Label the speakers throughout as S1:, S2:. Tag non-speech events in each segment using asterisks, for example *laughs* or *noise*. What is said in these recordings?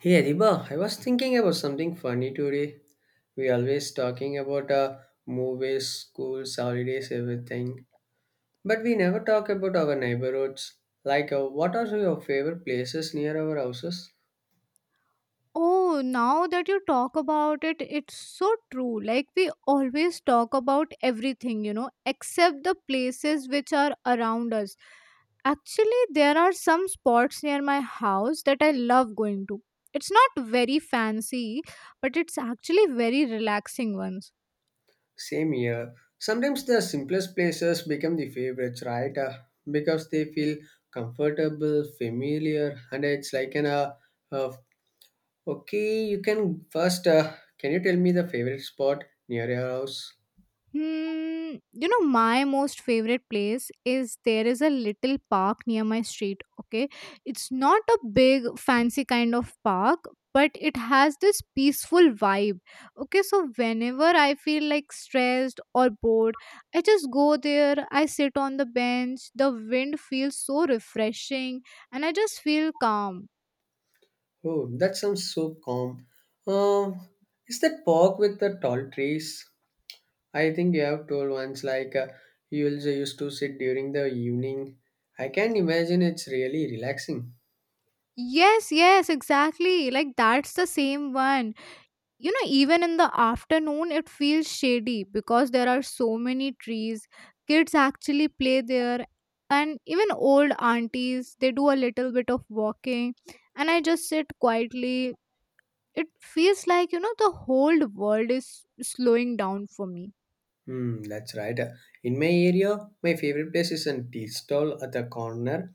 S1: Hey Adiba, I was thinking about something funny today. We always talking about movies, schools, holidays, everything, but we never talk about our neighborhoods. Like, what are your favorite places near our houses?
S2: Oh, now that you talk about it, it's so true. Like, we always talk about everything, except the places which are around us. Actually, there are some spots near my house that I love going to. It's not very fancy, but it's actually very relaxing ones.
S1: Same here. Sometimes the simplest places become the favorites, right? Because they feel comfortable, familiar, and it's like an uh, okay. You can first. Can you tell me the favorite spot near your house?
S2: Hmm, my most favorite place is there is a little park near my street. Okay, it's not a big fancy kind of park, but it has this peaceful vibe. Okay, so whenever I feel like stressed or bored, I just go there, I sit on the bench, the wind feels so refreshing, and I just feel calm.
S1: Oh, that sounds so calm. Um, is that park with the tall trees? I think you have told once, like you also used to sit during the evening. I can imagine it's really relaxing.
S2: Yes, yes, exactly. Like that's the same one, even in the afternoon it feels shady because there are so many trees, kids actually play there, and even old aunties they do a little bit of walking, and I just sit quietly. It feels like, the whole world is slowing down for me.
S1: Hmm, that's right. In my area, my favorite place is a tea stall at the corner.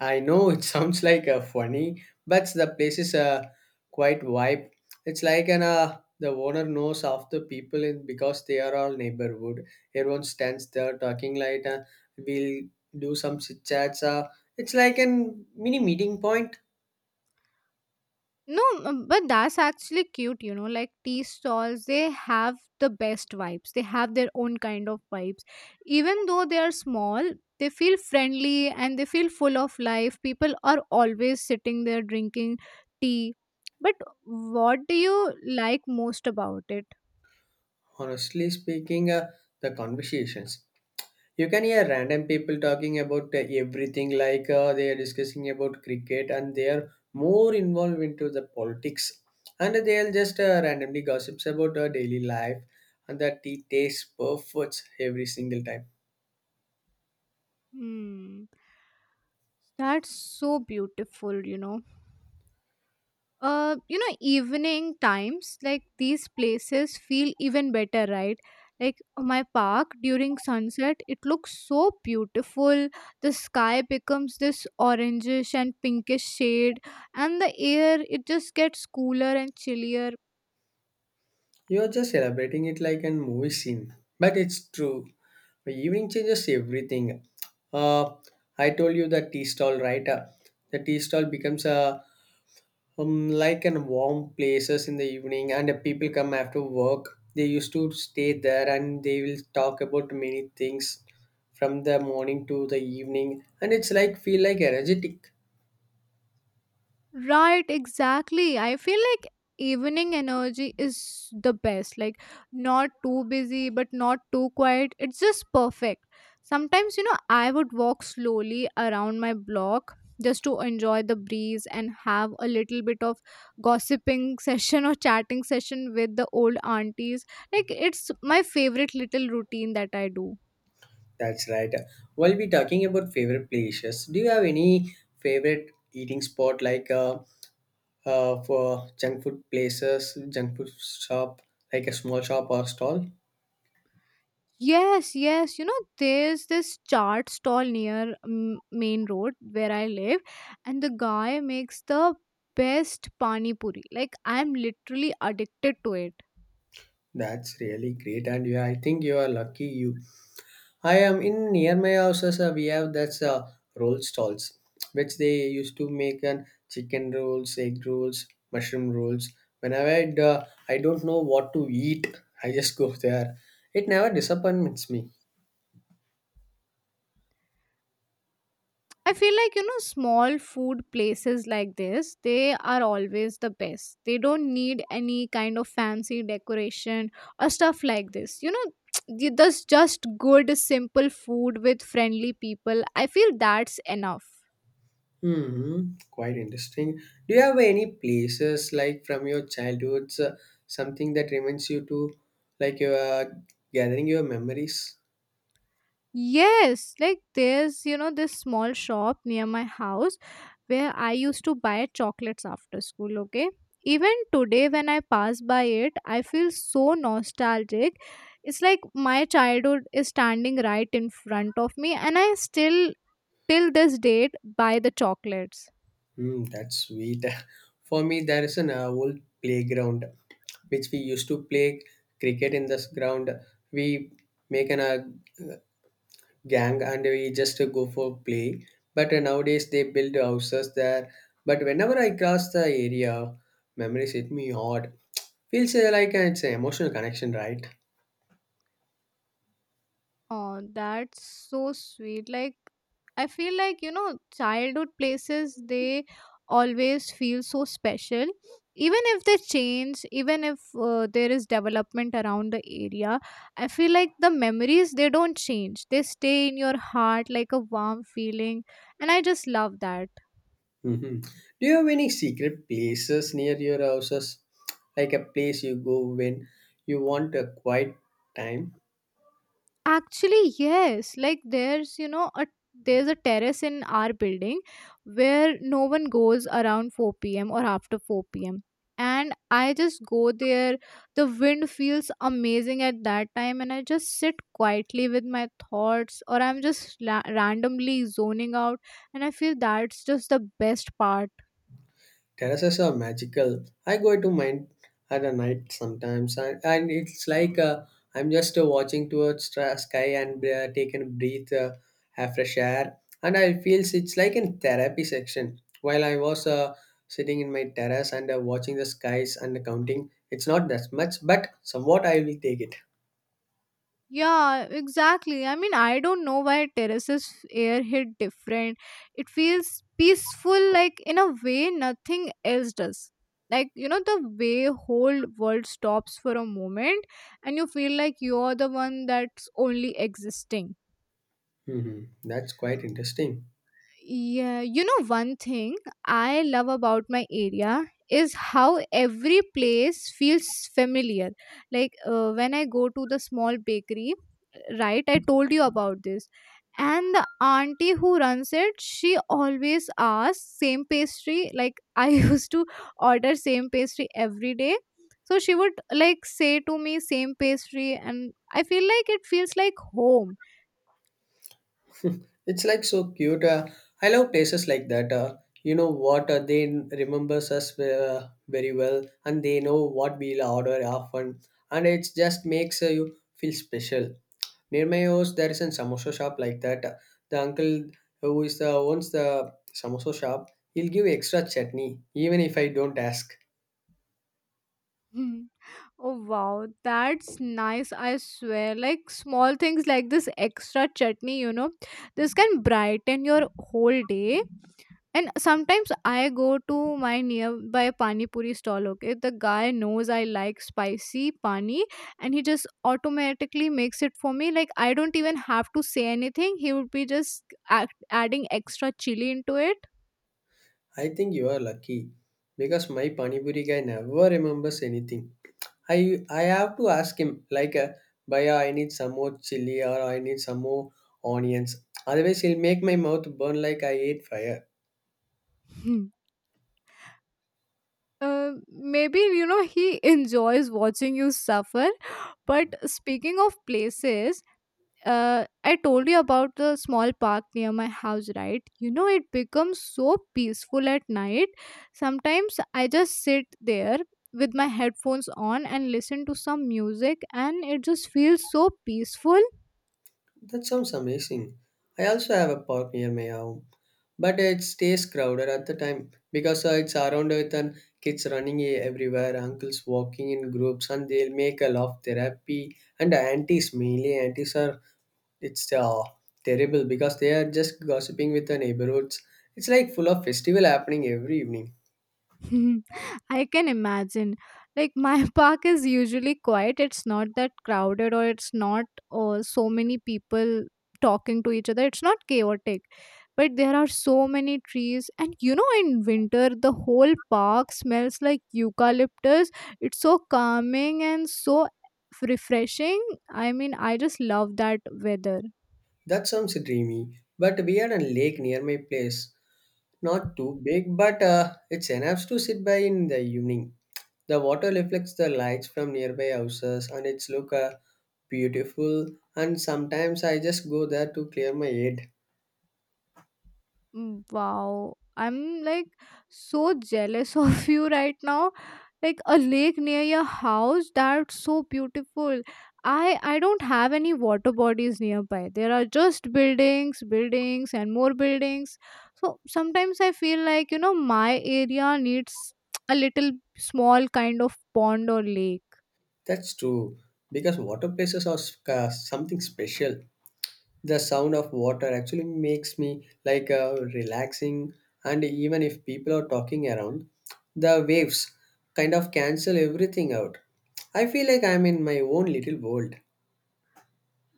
S1: I know it *laughs* sounds like a funny, but the place is a quite vibe. It's like an the owner knows of the people in because they are all neighborhood. Everyone stands there talking like we'll do some chit chats. It's like an mini meeting point.
S2: No, but that's actually cute. Like tea stalls, they have the best vibes. They have their own kind of vibes. Even though they are small, they feel friendly and they feel full of life. People are always sitting there drinking tea. But what do you like most about it?
S1: Honestly speaking, the conversations. You can hear random people talking about everything, like they are discussing about cricket and they are more involved into the politics, and they'll just randomly gossips about our daily life, and the tea tastes perfect every single time.
S2: Hmm. That's so beautiful. Evening times like these places feel even better, right? Like my park during sunset, it looks so beautiful. The sky becomes this orangish and pinkish shade, and the air, it just gets cooler and chillier.
S1: You're just celebrating it like a movie scene, but it's true. The evening changes everything. Uh, I told you the tea stall, right? The tea stall becomes a like in warm places in the evening and people come after work they used to stay there and they will talk about many things from the morning to the evening and it's like feel like energetic.
S2: Right, exactly. I feel like evening energy is the best. Like, not too busy, but not too quiet. It's just perfect. Sometimes, I would walk slowly around my block just to enjoy the breeze and have a little bit of gossiping *laughs* session or chatting session with the old aunties. Like, it's my favorite little routine that I do.
S1: That's right. While we talking about favorite places do you have any favorite eating spot like for junk food places junk food shop like a small shop or stall.
S2: Yes, yes. You know, there's this chart stall near main road where I live, and the guy makes the best pani puri. Like I'm literally addicted to it.
S1: That's really great and yeah I think you are lucky you. I am in near my houses. We have that's roll stalls, which they used to make an chicken rolls, egg rolls, mushroom rolls. Whenever I'd, I don't know what to eat, *laughs* I just go there. It never disappoints me.
S2: I feel like, small food places like this, they are always the best. They don't need any kind of fancy decoration or stuff like this. *tsk* There's just good, simple food with friendly people. I feel that's enough.
S1: Hmm, quite interesting. Do you have any places like from your childhoods, something that reminds you to, like you are gathering your memories?
S2: Yes, like there's, this small shop near my house where I used to buy chocolates after school, okay? Even today, when I pass by it, I feel so nostalgic. It's like my childhood is standing right in front of me, and I still, till this date, buy the chocolates.
S1: Hmm, that's sweet. *laughs* For me, there is an old playground which we used to play cricket in this ground. We make an a gang and we just go for play. But nowadays they build houses there. But whenever I cross the area, memories hit me hard. Feels like it's an emotional connection, right?
S2: Oh, that's so sweet. Like, I feel like, childhood places, they always feel so special. Even if they change, even if there is development around the area, I feel like the memories, they don't change. They stay in your heart like a warm feeling. And I just love that.
S1: Hmm. Do you have any secret places near your houses? Like a place you go when you want a quiet time?
S2: Actually, yes. Like there's, a there's a terrace in our building where no one goes around 4 p.m. or after 4 p.m. And I just go there. The wind feels amazing at that time, and I just sit quietly with my thoughts, or I'm just randomly zoning out. And I feel that's just the best part.
S1: Terraces are magical. I go to mine at a night sometimes, and, it's like I'm just watching towards the sky and taking a breath, have fresh air, and I feels it's like in therapy section. While I was sitting in my terrace and watching the skies and counting, it's not that much, but somewhat I will take it.
S2: Yeah, exactly. I mean, I don't know why terraces air hit different. It feels peaceful, like in a way nothing else does. Like, the way whole world stops for a moment, and you feel like you're the one that's only existing.
S1: Hmm. That's quite interesting.
S2: Yeah, one thing I love about my area is how every place feels familiar. Like when I go to the small bakery, right? I told you about this. And the auntie who runs it, she always asks same pastry. Like I *laughs* used to order same pastry every day. So she would like say to me same pastry and I feel like it feels like home.
S1: It's like so cute. I love places like that. You know what? They remembers us very well, and they know what we'll order often, and it just makes you feel special. Near my house, there is a samosa shop like that. The uncle who is the owns the samosa shop, he'll give extra chutney even if I don't ask.
S2: *laughs* Oh wow, that's nice, I swear. Like small things like this extra chutney, this can brighten your whole day. And sometimes I go to my nearby pani puri stall, okay? The guy knows I like spicy pani and he just automatically makes it for me. Like I don't even have to say anything. He would be just adding extra chili into it.
S1: I think you are lucky because my pani puri guy never remembers anything. I have to ask him like, "Bhaiya, I need some more chili or I need some more onions. Otherwise, it'll make my mouth burn like I ate fire."
S2: Hmm. Maybe you know he enjoys watching you suffer. But speaking of places, I told you about the small park near my house, right? It becomes so peaceful at night. Sometimes I just sit there with my headphones on and listen to some music, and it just feels so peaceful.
S1: That sounds amazing. I also have a park near my home, but it stays crowded at the time because it's around with and kids running e- everywhere, uncles walking in groups, and they'll make a laugh therapy. And the aunties, mainly aunties, are it's terrible because they are just gossiping with the neighborhoods. It's like full of festival happening every evening.
S2: *laughs* I can imagine. Like my *laughs* park is usually quiet. It's not that crowded or it's not so many people talking to each other. It's not chaotic. But there are so many trees and in winter the whole park smells like eucalyptus. It's so calming and so refreshing. I mean, I just love that weather.
S1: That sounds dreamy, but we had a lake near my place. Not too big, but it's enough to sit by in the evening. The water reflects the lights from nearby houses and it's look beautiful and sometimes I just go there to clear my head.
S2: Mm, wow. I'm like so jealous *laughs* of you right now. Like a lake near your house, that's so beautiful. I don't have any water bodies nearby. There are just buildings and more buildings. So sometimes I feel like, my area needs a little small kind of pond or lake.
S1: That's true because water places are sc- something special. The sound of water actually makes me like relaxing, and even if people are talking around, the waves kind of cancel everything out. I feel like I'm in my own little world.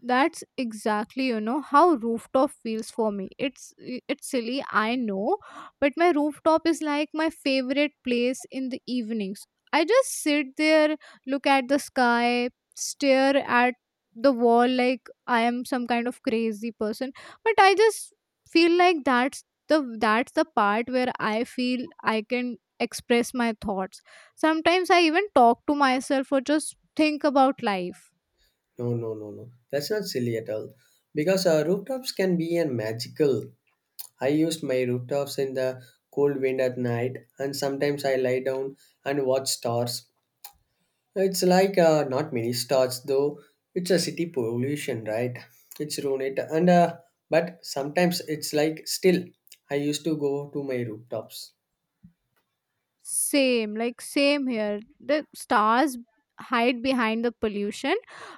S2: That's exactly, how rooftop feels for me. It's silly I know, but my rooftop is like my favorite place in the evenings. I just sit there, look at the sky, stare at the wall like I am some kind of crazy person. But I just feel like that's the part where I feel I can express my thoughts. Sometimes I even talk to myself or just think about life.
S1: No, no, no, no, that's not silly at all because rooftops can be a magical. I use my rooftops in the cold wind at night and sometimes I lie down and watch stars. It's like not many stars though. It's a city pollution, right? It's ruined it, and but sometimes it's like still. I used to go to my rooftops.
S2: Same, like same here. The stars hide behind the pollution,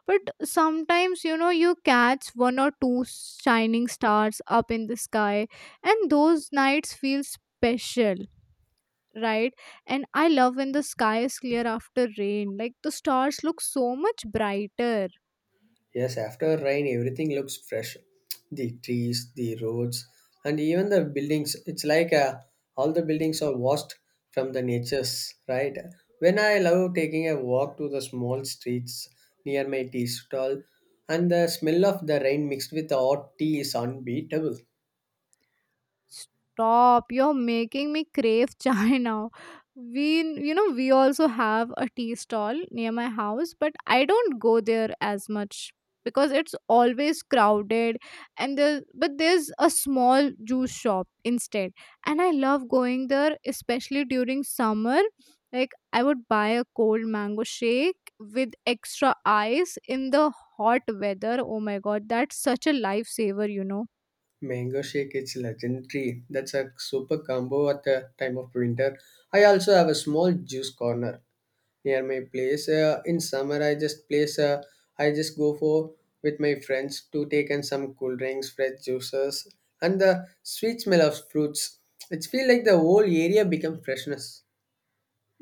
S2: but sometimes you catch one or two shining stars up in the sky, and those nights feel special, right? And I love when the sky is clear after rain, like the stars look so much brighter.
S1: Yes, after rain, everything looks fresh. The trees, the roads, and even the buildings. It's like all the buildings are washed from the nature's right. When I love taking a walk to the small streets near my tea stall, and the smell of the rain mixed with the hot tea is unbeatable.
S2: Stop. You're making me crave *laughs* chai now. We also have a tea stall near my house, but I don't go there as much because it's always crowded and there but there's a small juice shop instead, and I love going there especially during summer. Like I would buy a cold mango shake with extra ice in the hot weather. Oh my god, that's such a lifesaver.
S1: Mango shake is legendary. That's a super combo at the time of winter. I also have a small juice corner near my place. In summer, I just place. I just go for with my friends to take in some cool drinks, fresh juices, and the sweet smell of fruits. It feels like the whole area becomes freshness.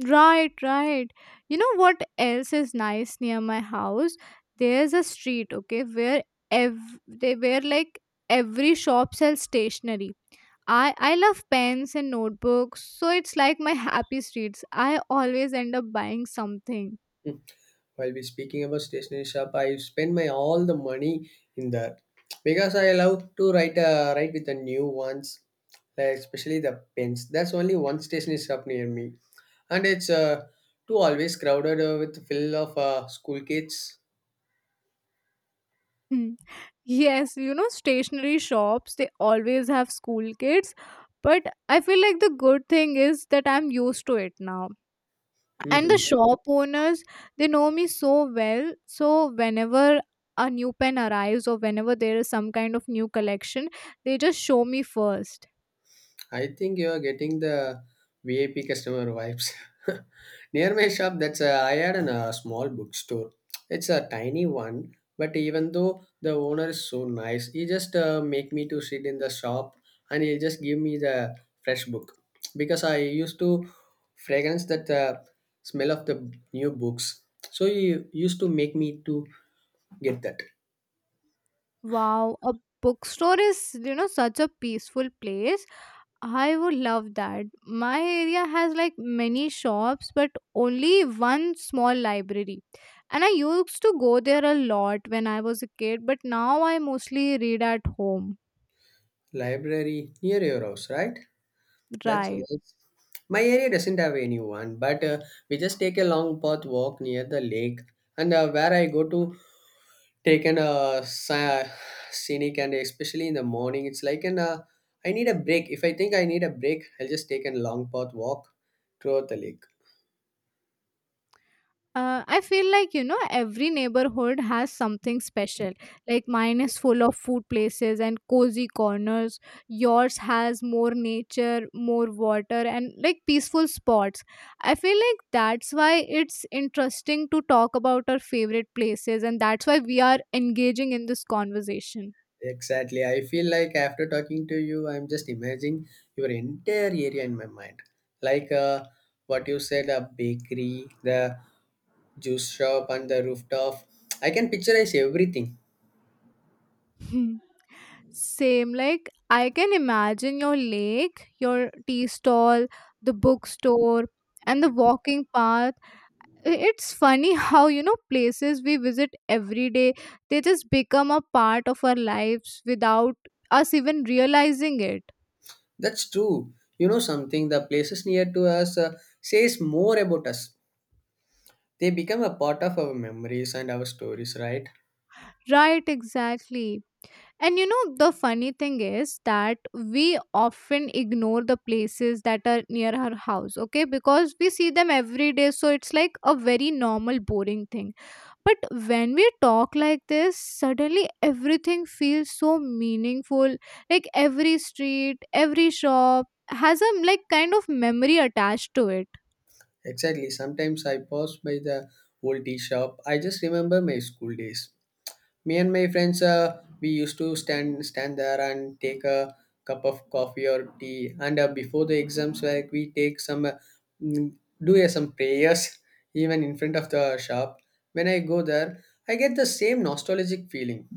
S2: Right, right. You know what else is nice near my house? There's a street, okay, where ev they where like every shop sells stationery. I love pens and notebooks, so it's like my happy streets. I always end up buying something.
S1: Hmm. While we speaking about stationery shop I spend my all the money in that because I love to write, write with the new ones, like especially the pens. That's only one stationery shop near me, and it's too always crowded with full of school kids.
S2: Mm. Yes, stationery shops, they always have school kids, but I feel like the good thing is that I'm used to it now and the
S1: *laughs*
S2: shop owners they know me so well, so whenever a new pen arrives or whenever there is some kind of new collection, they just show me first.
S1: I think you are getting the VIP customer vibes. *laughs* Near my shop, that's I had an, a small bookstore. It's a tiny one, but even though the owner is so nice, he just make me to sit in the shop and he just give me the fresh book because I used to fragrance that smell of the new books. So he used to make me to get that.
S2: Wow, a bookstore is, such a peaceful place. I would love that. My area has like many shops but only one small library, and I used to go there a lot when I was a kid, but now I mostly read at home.
S1: Library near your house, right? That's
S2: Right.
S1: nice. My area doesn't have anyone, but we just take a long path walk near the lake, and where I go to take an scenic, and especially in the morning, it's like an I need a break. If I think I need a break, I'll just take a long path walk throughout the lake.
S2: I feel like, every neighborhood has something special. Like mine is full of food places and cozy corners. Yours has more nature, more water, and like peaceful spots. I feel like that's why it's interesting to talk about our favorite places, and that's why we are engaging in this conversation. *laughs*
S1: Exactly. I feel like after talking to you, I'm just imagining your entire area in my mind. Like what you said, a bakery, the juice shop, and the rooftop. I can picturize everything.
S2: Hmm. Same, like I can imagine your lake, your tea stall, the bookstore, and the walking path. It's funny how places we visit every day they just become a part of our lives without us even realizing it.
S1: That's true. You know something, the places near to us says more about us. They become a part of our memories and our stories, right?
S2: Right, exactly. And the funny thing is that we often ignore the places that are near our house, okay, because we see them every day so it's like a very normal boring thing. But when we talk like this, suddenly everything feels so meaningful. Like every street, every shop has a like kind of memory attached to it.
S1: Exactly. Sometimes I pass by the old tea shop. I just remember my school days. Me and my friends, we used to stand there and take a cup of coffee or tea. And before the exams, like we take some mm, do some prayers *laughs* even in front of the shop. When I go there, I get the same nostalgic feeling.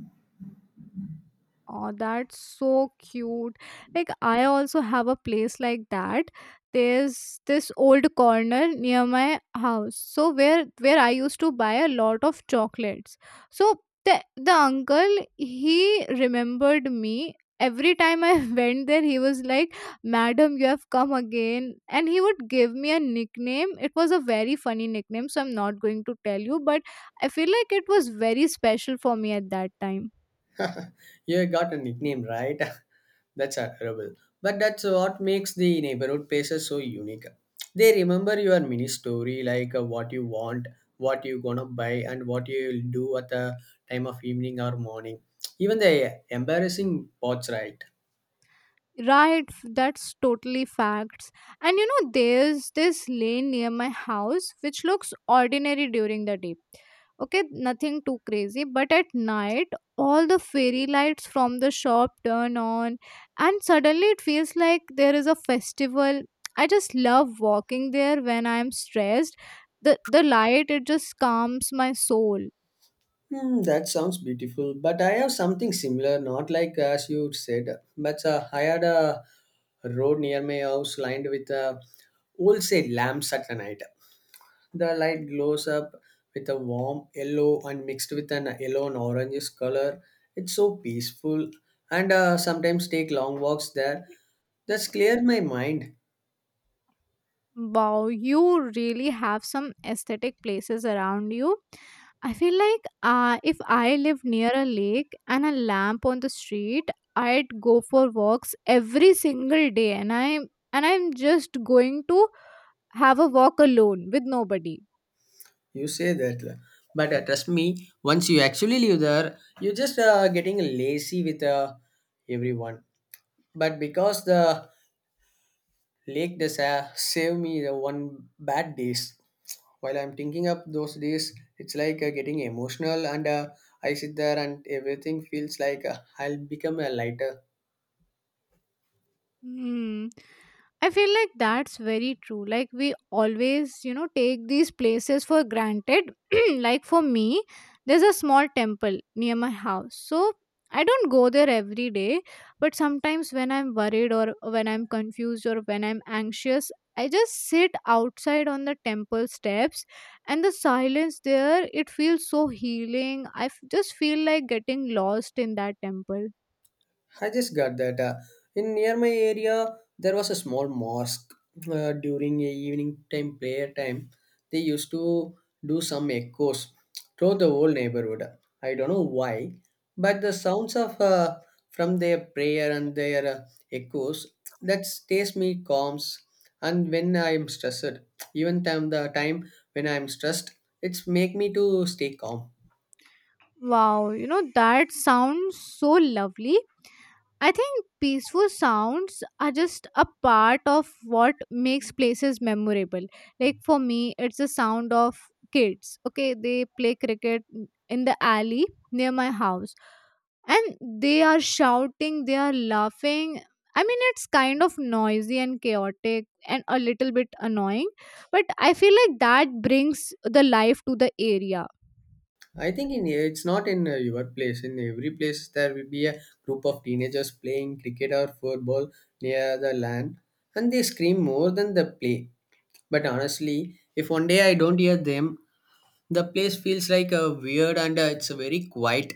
S2: Oh, that's so cute. Like, I also have a place like that. There's this old corner near my house. So where I used to buy a lot of chocolates. So the uncle he remembered me. Every time I *laughs* went there, he was like, Madam, you have come again. And he would give me a nickname. It was a very funny nickname, so I'm not going to tell you, but I feel like it was very special for me at that time.
S1: *laughs* You got a nickname, right? *laughs* That's adorable. But that's what makes the neighborhood places so unique. They remember your mini story, like what you want, what you gonna buy, and what you'll do at the time of evening or morning. Even the embarrassing parts, right?
S2: Right, that's totally facts. And there's this lane near my house which looks ordinary during the day. Okay, nothing too crazy, but at night, all the fairy lights from the shop turn on, and suddenly it feels like there is a festival. I just love walking there when I'm stressed. The light, it just calms my soul.
S1: Hmm, that sounds beautiful. But I have something similar, not like as you said, but I had a road near my house lined with old say lamps at the night. The light glows up with a warm yellow and mixed with an yellow and orange color. It's so peaceful and sometimes take long walks there. That's clear my mind.
S2: Wow, you really have some aesthetic places around you. I feel like if I lived near a lake and a lamp on the street, I'd go for walks every single day, and I'm just going to have a walk alone with nobody.
S1: You say that. But trust me, once you actually live there, you're just getting lazy with everyone. But because the lake does save me the one bad days. While I'm thinking up those days, it's like getting emotional, and I sit there and everything feels like I'll become a lighter.
S2: Hmm. I feel like that's very true. Like we always, take these places for granted. *clears throat* Like for me, there's a small temple near my house. So I don't go there every day, but sometimes when I'm worried or when I'm confused or when I'm anxious, I just sit outside on the temple steps and the silence there, it feels so healing. Just feel like getting lost in that temple.
S1: I just got that. In near my area, there was a small mosque during a evening time prayer time. They used to do some echoes through the whole neighborhood. I don't know why, but the sounds of from their prayer and their echoes that stays me calms. And when I am stressed, even time the time when I am stressed, it's make me to stay calm.
S2: Wow, you know, that sounds so lovely. I think peaceful sounds are just a part of what makes places memorable. Like for me, it's the sound of kids. Okay, they play cricket in the alley near my house and they are shouting, they are laughing. I mean, it's kind of noisy and chaotic and a little bit annoying, but I feel like that brings the life to the area.
S1: I think in it's not in your place. In every place, there will be a group of teenagers playing cricket or football near the land, and they scream more than the play. But honestly, if one day I don't hear them, the place feels like a weird and it's very quiet.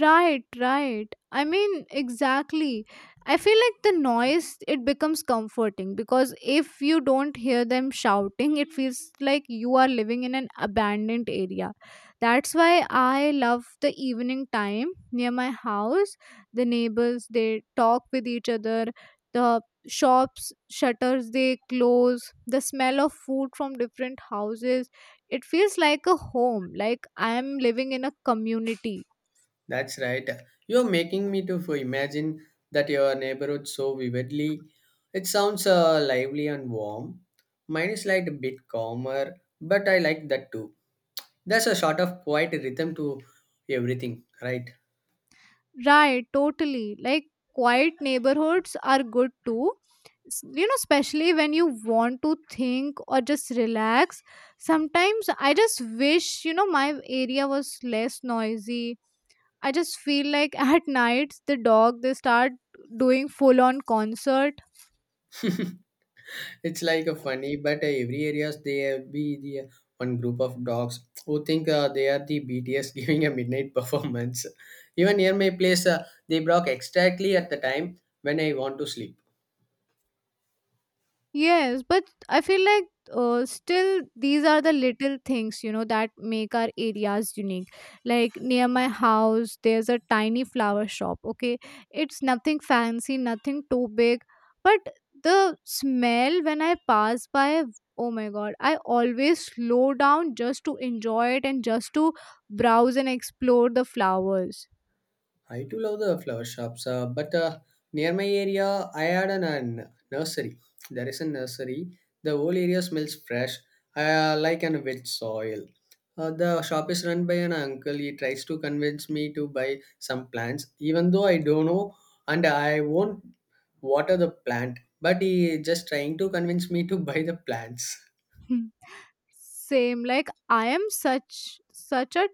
S2: Right, right. I mean, exactly. I feel like the noise, it becomes comforting because if you don't hear them shouting, it feels like you are living in an abandoned area. That's why I love the evening time near my house. The neighbors, they talk with each other. The shops, shutters, they close. The smell of food from different houses. It feels like a home, like I am living in a community.
S1: That's right. You're making me to imagine that your neighborhood so vividly. It sounds lively and warm. Mine is like a bit calmer, but I like that too. There's a sort of quiet rhythm to everything, right?
S2: Right, totally. Like quiet neighborhoods are good too. You know, especially when you want to think or just relax. Sometimes I just wish, you know, my area was less noisy. I just feel like *laughs* at nights the dog they start doing full on concert.
S1: *laughs* It's like a funny, but every areas there be the one group of dogs who think they are the BTS *laughs* giving a midnight *laughs* performance. Even near my place, they bark exactly at the time when I want to sleep.
S2: Yes, but I feel like still these are the little things, you know, that make our areas unique. Like near my house, there's a tiny flower shop, okay? It's nothing fancy, nothing too big, but the smell when I pass by, oh my god, I always slow down just to enjoy it and just to browse and explore the flowers.
S1: I too love the flower shops, but near my area, I had an nursery. There is a nursery. The whole area smells fresh, like an wet soil. The shop is run by an uncle. He tries to convince me to buy some plants, even though I don't know and I won't water the plant. But he is just trying to convince me to *laughs* buy the plants.
S2: *laughs* Same, like I am such a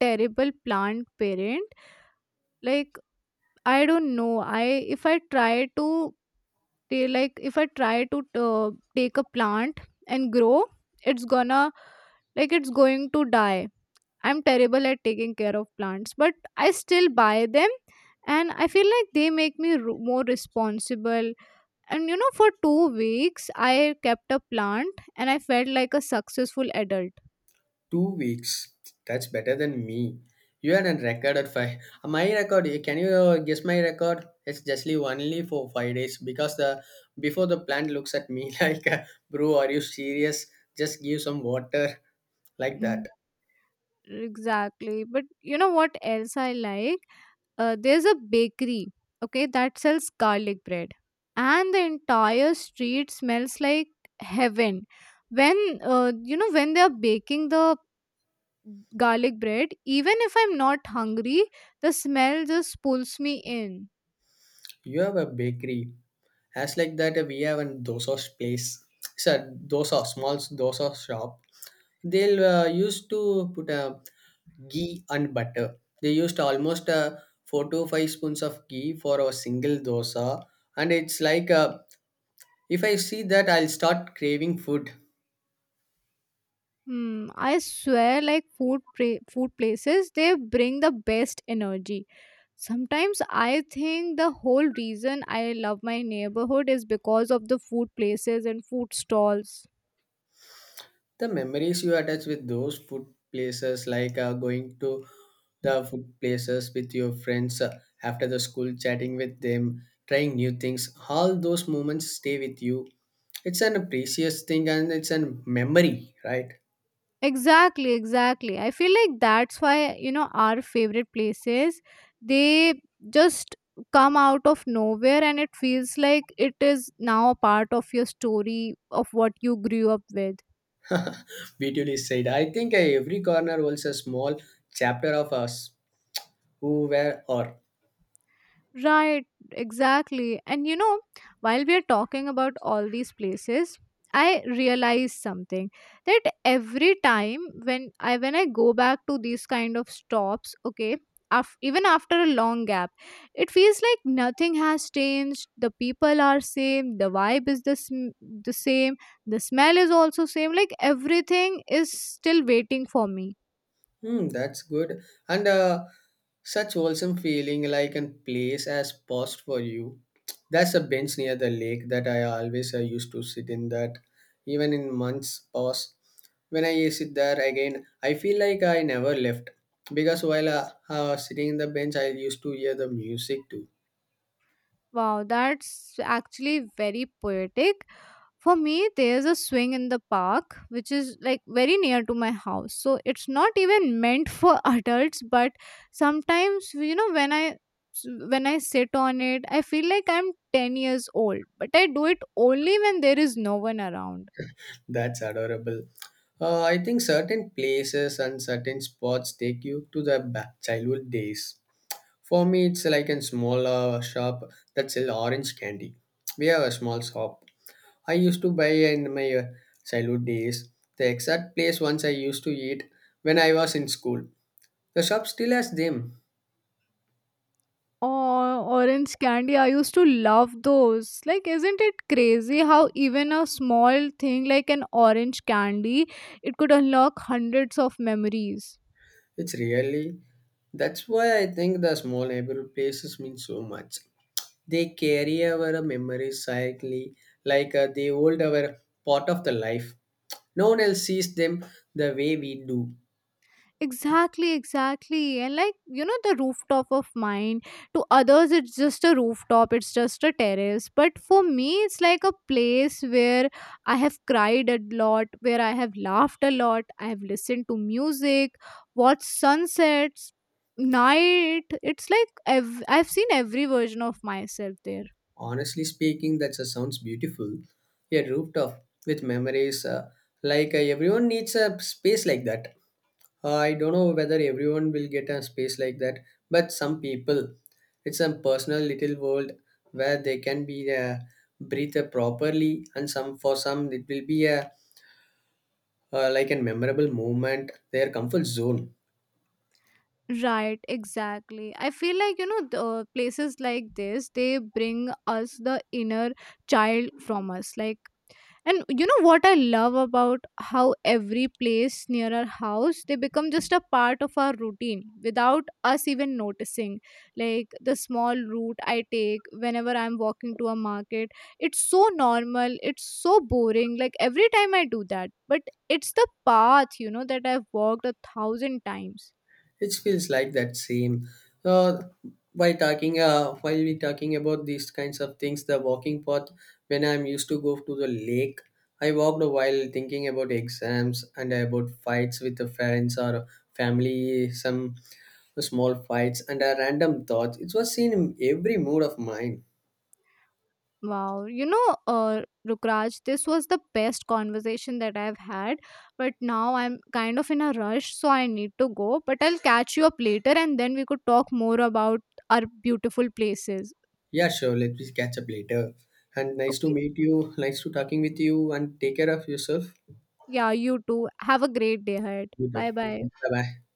S2: terrible plant parent. Like, I don't know. I, if I try to, they, like if I try to take a plant and grow, it's gonna, like it's going to die. I'm terrible at taking care of plants, but I still buy them and I feel like they make more responsible. And you know, for 2 weeks, I kept a plant and I felt like a successful adult.
S1: 2 weeks. That's better than me. You had a record at five. *laughs* My record. Can you guess my record? It's justly only for 5 days because the before the plant looks at me *laughs* like, bro, are you serious? Just give some water *laughs* like
S2: Hmm.
S1: that.
S2: Exactly. But you know what else I like? There's a bakery, okay, that sells garlic bread and the entire street smells like heaven when, you know, when they're baking the garlic bread, even if I'm not hungry, the smell just pulls me in.
S1: You have a bakery. As like that, we have a dosa place. It's a dosa small dosa shop. They'll used to put a ghee and butter. They used almost four to five spoons of ghee for a single dosa, and it's like if I see that, I'll start craving food.
S2: Hmm, I swear like food places they bring the best energy. Sometimes I think the whole reason I love my neighborhood is because of the food places and food stalls.
S1: The memories you attach with those food places, like going to the food places with your friends after the school, chatting with them, trying new things, all those moments stay with you. It's an precious thing and it's a memory, right?
S2: Exactly, exactly. I feel like that's why, you know, our favorite places, they just come out of nowhere and it feels like it is now a part of your story of what you grew up with.
S1: *laughs* Beautifully said. I think every corner holds a small chapter of us, who, where, or.
S2: Right, exactly. And you know, while we are talking about all these places, I realized something that every time when I go back to these kind of stops, okay, even after a long gap, it feels like nothing has changed. The people are same, the vibe is the same, the smell is also same. Like everything is still waiting for me.
S1: Hmm, that's good. And such wholesome feeling like a place has paused for you. There's a bench near the lake that I always used to sit in that, even in months past. When I sit there again, I feel like I never left. Because while sitting in the bench, I used to hear the music too.
S2: Wow, that's actually very poetic. For me, there's a swing in the park which is like very near to my house. So it's not even meant for *laughs* adults, but sometimes you know when I sit on it, I feel like I'm 10 years old, but I do it only when there is no one around.
S1: That's adorable. I think certain places and certain spots take you to the back childhood days. For me, it's like a small shop that sells orange candy. We have a small shop. I used to buy in my childhood days the exact place once I used to eat when I was in school. The shop still has them.
S2: Oh, orange candy. I used to love those. Like, isn't it crazy how even a small thing like an orange candy, it could unlock hundreds of memories?
S1: It's really that's why I think the small neighborhood places mean so much. They carry our memories silently, like they hold our part of the life. No one else sees them the way we do.
S2: Exactly, exactly. And like, you know, the rooftop of mine, to others, it's just a rooftop, it's just a terrace. But for me, it's like a place where I have cried a lot, where I have laughed a lot, I have listened to music, watched sunsets, night. It's like I've seen every version of myself there.
S1: Honestly speaking, that just sounds beautiful. A rooftop with memories, like everyone needs a space like that. I don't know whether everyone will get a space like that, but some people, it's a personal little world where they can be breathe properly, and some for some it will be a like a memorable moment, their comfort zone.
S2: Right, exactly. I feel like, you know, the places like this, they bring us the inner child from us. Like, and you know what I love about how every place near our house they become just a part of our routine without us even noticing. Like the small route I take whenever I'm walking to a market, it's so normal, it's so boring. Like every time I do that, but it's the path, you know, that I've walked a thousand times.
S1: It feels like that same. Uh, while we talking about these kinds of things, the walking path. When I'm used to go to the lake, I walked while thinking about exams and about fights with the friends or family, some small fights and a random thoughts. It was seen in every mood of mine.
S2: Wow, you know, Rukraj, this was the best conversation that I've had, but now I'm kind of in a rush, so I need to go. But I'll catch you up later and then we could talk more about our beautiful places.
S1: Yeah, sure. Let me catch up later. And nice to
S2: Okay,
S1: meet you. Nice to talking with you. And take care of yourself.
S2: yeah, you too. Have a great day ahead.
S1: Listo.
S2: Bye bye.
S1: Bye bye.